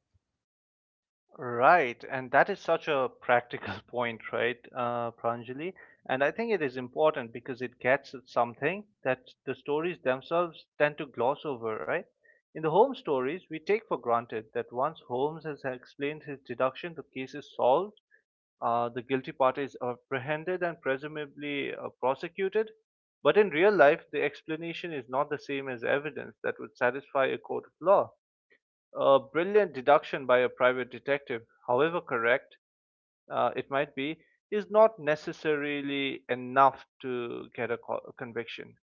S1: Right, and that is such a practical point, right, Pranjali? And I think it is important because it gets at something that the stories themselves tend to gloss over, right? In the Holmes stories, we take for granted that once Holmes has explained his deduction, the case is solved, the guilty party is apprehended and presumably prosecuted. But in real life, the explanation is not the same as evidence that would satisfy a court of law a brilliant deduction by a private detective, however correct it might be, is not necessarily enough to get a conviction.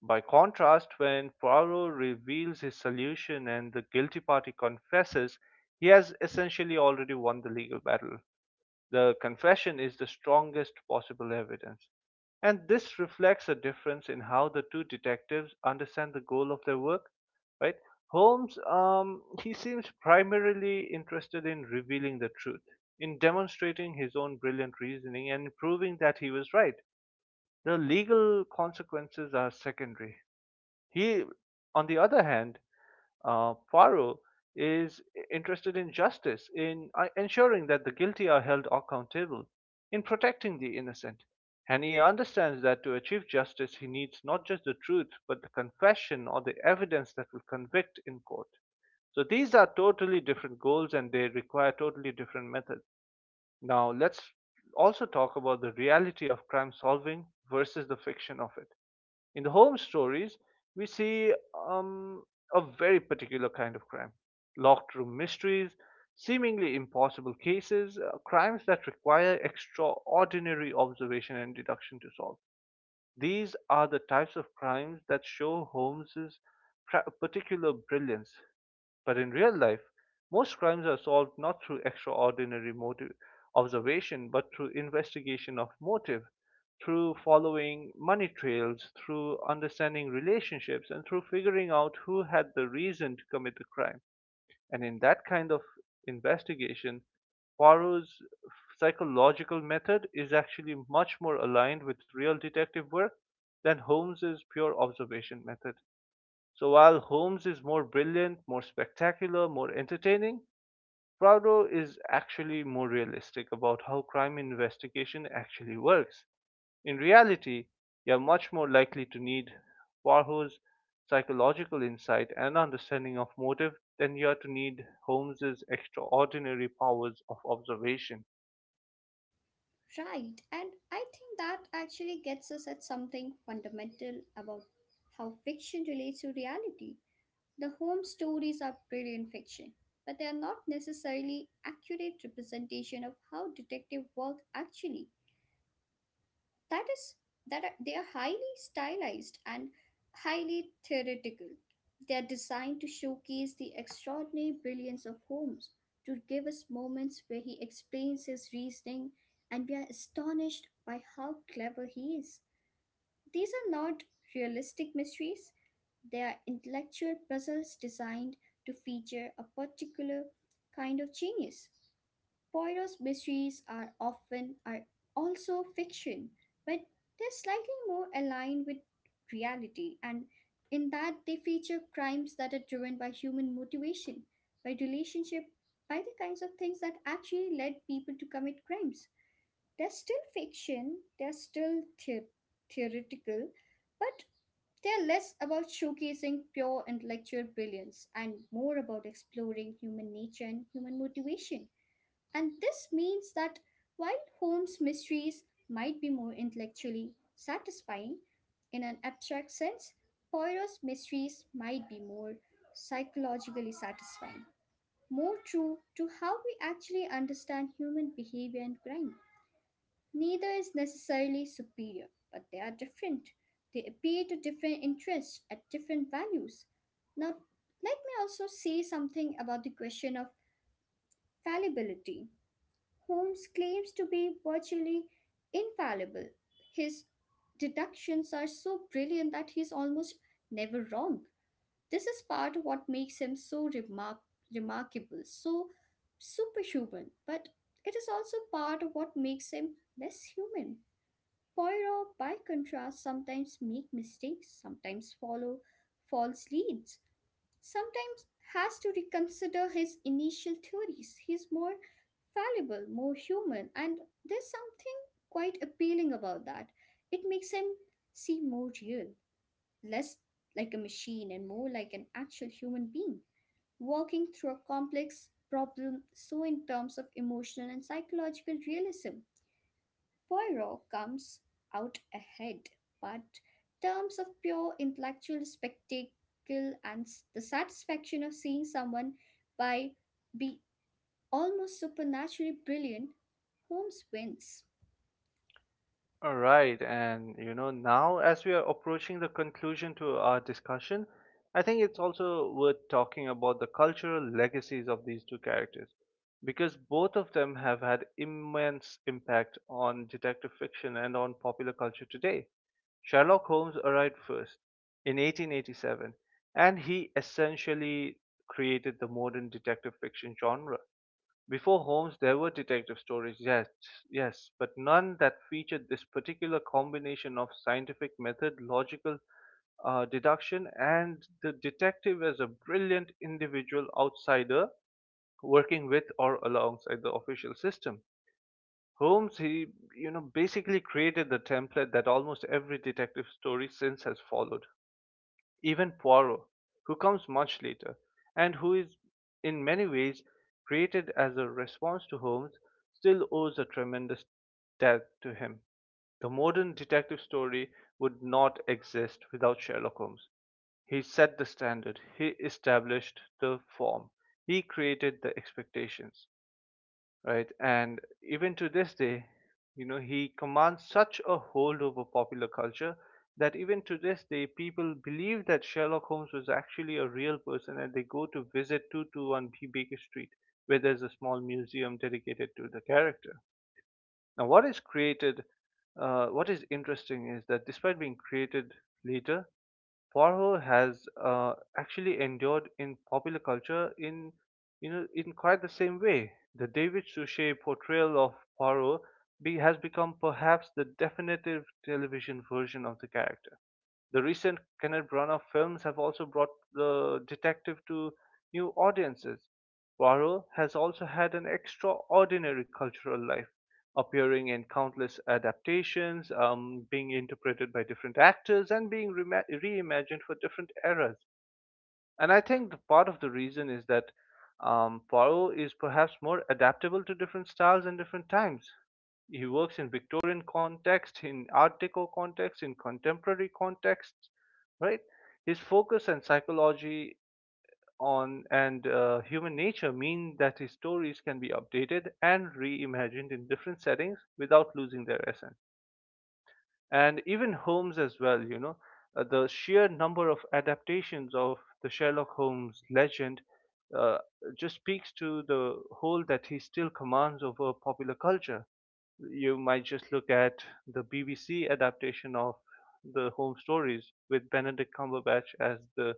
S1: By contrast, when Poirot reveals his solution and the guilty party confesses, he has essentially already won the legal battle. The confession is the strongest possible evidence, and this reflects a difference in how the two detectives understand the goal of their work, right? Holmes, he seems primarily interested in revealing the truth, in demonstrating his own brilliant reasoning and proving that he was right. The legal consequences are secondary. He, on the other hand, Poirot is interested in justice, in ensuring that the guilty are held accountable, in protecting the innocent. And he understands that to achieve justice, he needs not just the truth, but the confession or the evidence that will convict in court. So these are totally different goals and they require totally different methods. Now, let's also talk about the reality of crime solving versus the fiction of it. In the home stories, we see um, a very particular kind of crime locked room mysteries, seemingly impossible cases, crimes that require extraordinary observation and deduction to solve. These are the types of crimes that show Holmes's particular brilliance but in real life, most crimes are solved not through extraordinary motive observation, but through investigation of motive, through following money trails, through understanding relationships, and through figuring out who had the reason to commit the crime. And in that kind of investigation, Poirot's psychological method is actually much more aligned with real detective work than Holmes's pure observation method. So while Holmes is more brilliant, more spectacular, more entertaining, Prado is actually more realistic about how crime investigation actually works. In reality, you're much more likely to need Warhol's psychological insight and understanding of motive than you are to need Holmes's extraordinary powers of observation.
S2: Right, and I think that actually gets us at something fundamental about how fiction relates to reality. The home stories are brilliant fiction, but they are not necessarily accurate representation of how detective work actually that is that are, they are highly stylized and highly theoretical. They are designed to showcase the extraordinary brilliance of Holmes, to give us moments where he explains his reasoning and we are astonished by how clever he is. These are not realistic mysteries, they are intellectual puzzles designed to feature a particular kind of genius. Poirot's mysteries are also fiction, but they're slightly more aligned with reality, and in that they feature crimes that are driven by human motivation, by relationship, by the kinds of things that actually led people to commit crimes. They're still fiction, they're still theoretical, but they're less about showcasing pure intellectual brilliance and more about exploring human nature and human motivation. And this means that while Holmes' mysteries might be more intellectually satisfying, in an abstract sense, Poirot's mysteries might be more psychologically satisfying, more true to how we actually understand human behavior and crime. Neither is necessarily superior, but they are different. They appeal to different interests at different values. Now, let me also say something about the question of fallibility. Holmes claims to be virtually infallible. His deductions are so brilliant that he's almost never wrong. This is part of what makes him so remarkable, so superhuman, but it is also part of what makes him less human. Poirot, by contrast, sometimes make mistakes, sometimes follow false leads, sometimes has to reconsider his initial theories. He's more fallible, more human, and there's something quite appealing about that. It makes him seem more real, less like a machine and more like an actual human being, walking through a complex problem. So in terms of emotional and psychological realism, Poirot comes out ahead, but terms of pure intellectual spectacle and the satisfaction of seeing someone by be almost supernaturally brilliant, Holmes wins.
S1: All right, and you know, now as we are approaching the conclusion to our discussion, I think it's also worth talking about the cultural legacies of these two characters because both of them have had immense impact on detective fiction and on popular culture today. Sherlock Holmes arrived first in 1887, and he essentially created the modern detective fiction genre before Holmes there were detective stories, yes, but none that featured this particular combination of scientific method, logical deduction, and the detective as a brilliant individual outsider working with or alongside the official system. Holmes, you know, basically created the template that almost every detective story since has followed. Even Poirot, who comes much later, and who is in many ways created as a response to Holmes, still owes a tremendous debt to him. The modern detective story would not exist without Sherlock Holmes. He set the standard, he established the form, he created the expectations right? And even to this day, you know, he commands such a hold over popular culture that even to this day, people believe that Sherlock Holmes was actually a real person and they go to visit 221B Baker Street, where there's a small museum dedicated to the character. Now, what is interesting is that despite being created later, Poirot has actually endured in popular culture in you know in quite the same way. The David Suchet portrayal of Poirot has become perhaps the definitive television version of the character. The recent Kenneth Branagh films have also brought the detective to new audiences. Poirot has also had an extraordinary cultural life, appearing in countless adaptations, being interpreted by different actors, and being rema reimagined for different eras. And I think the part of the reason is that Poirot is perhaps more adaptable to different styles and different times. He works in Victorian context, in Art Deco context, in contemporary context, right? His focus and psychology on and human nature mean that his stories can be updated and reimagined in different settings without losing their essence and even Holmes as well. You know, the sheer number of adaptations of the Sherlock Holmes legend uh, just speaks to the hold that he still commands over popular culture. You might just look at the BBC adaptation of the Holmes stories with Benedict Cumberbatch as the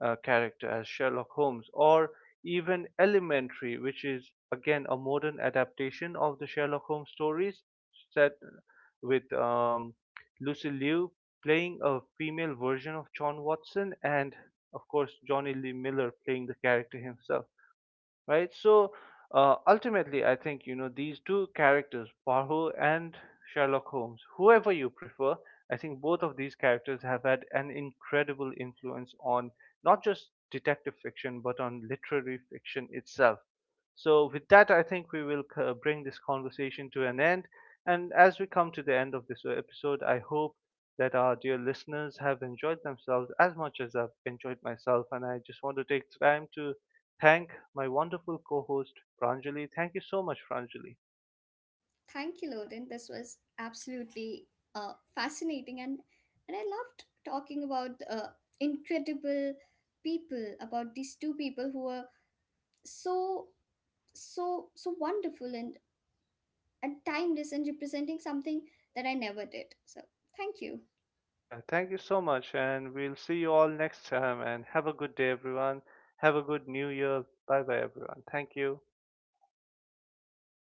S1: character as Sherlock Holmes, or even Elementary, which is again a modern adaptation of the Sherlock Holmes stories, set with Lucy Liu playing a female version of John Watson, and of course Johnny Lee Miller playing the character himself right? So ultimately, I think you know these two characters, Poirot and Sherlock Holmes, whoever you prefer, I think both of these characters have had an incredible influence on not just detective fiction but on literary fiction itself. So with that, I think we will bring this conversation to an end. And as we come to the end of this episode, I hope that our dear listeners have enjoyed themselves as much as I've enjoyed myself. And I just want to take time to thank my wonderful co-host Pranjali. Thank you so much, Pranjali.
S2: Thank you, Loden. This was absolutely fascinating, and I loved talking about incredible people, about these two people who are so so wonderful in and timeless and representing something that I never did. So, thank you.
S1: Yeah, thank you so much, and we'll see you all next time. And have a good day, everyone. Have a good new year. Bye bye, everyone. Thank you.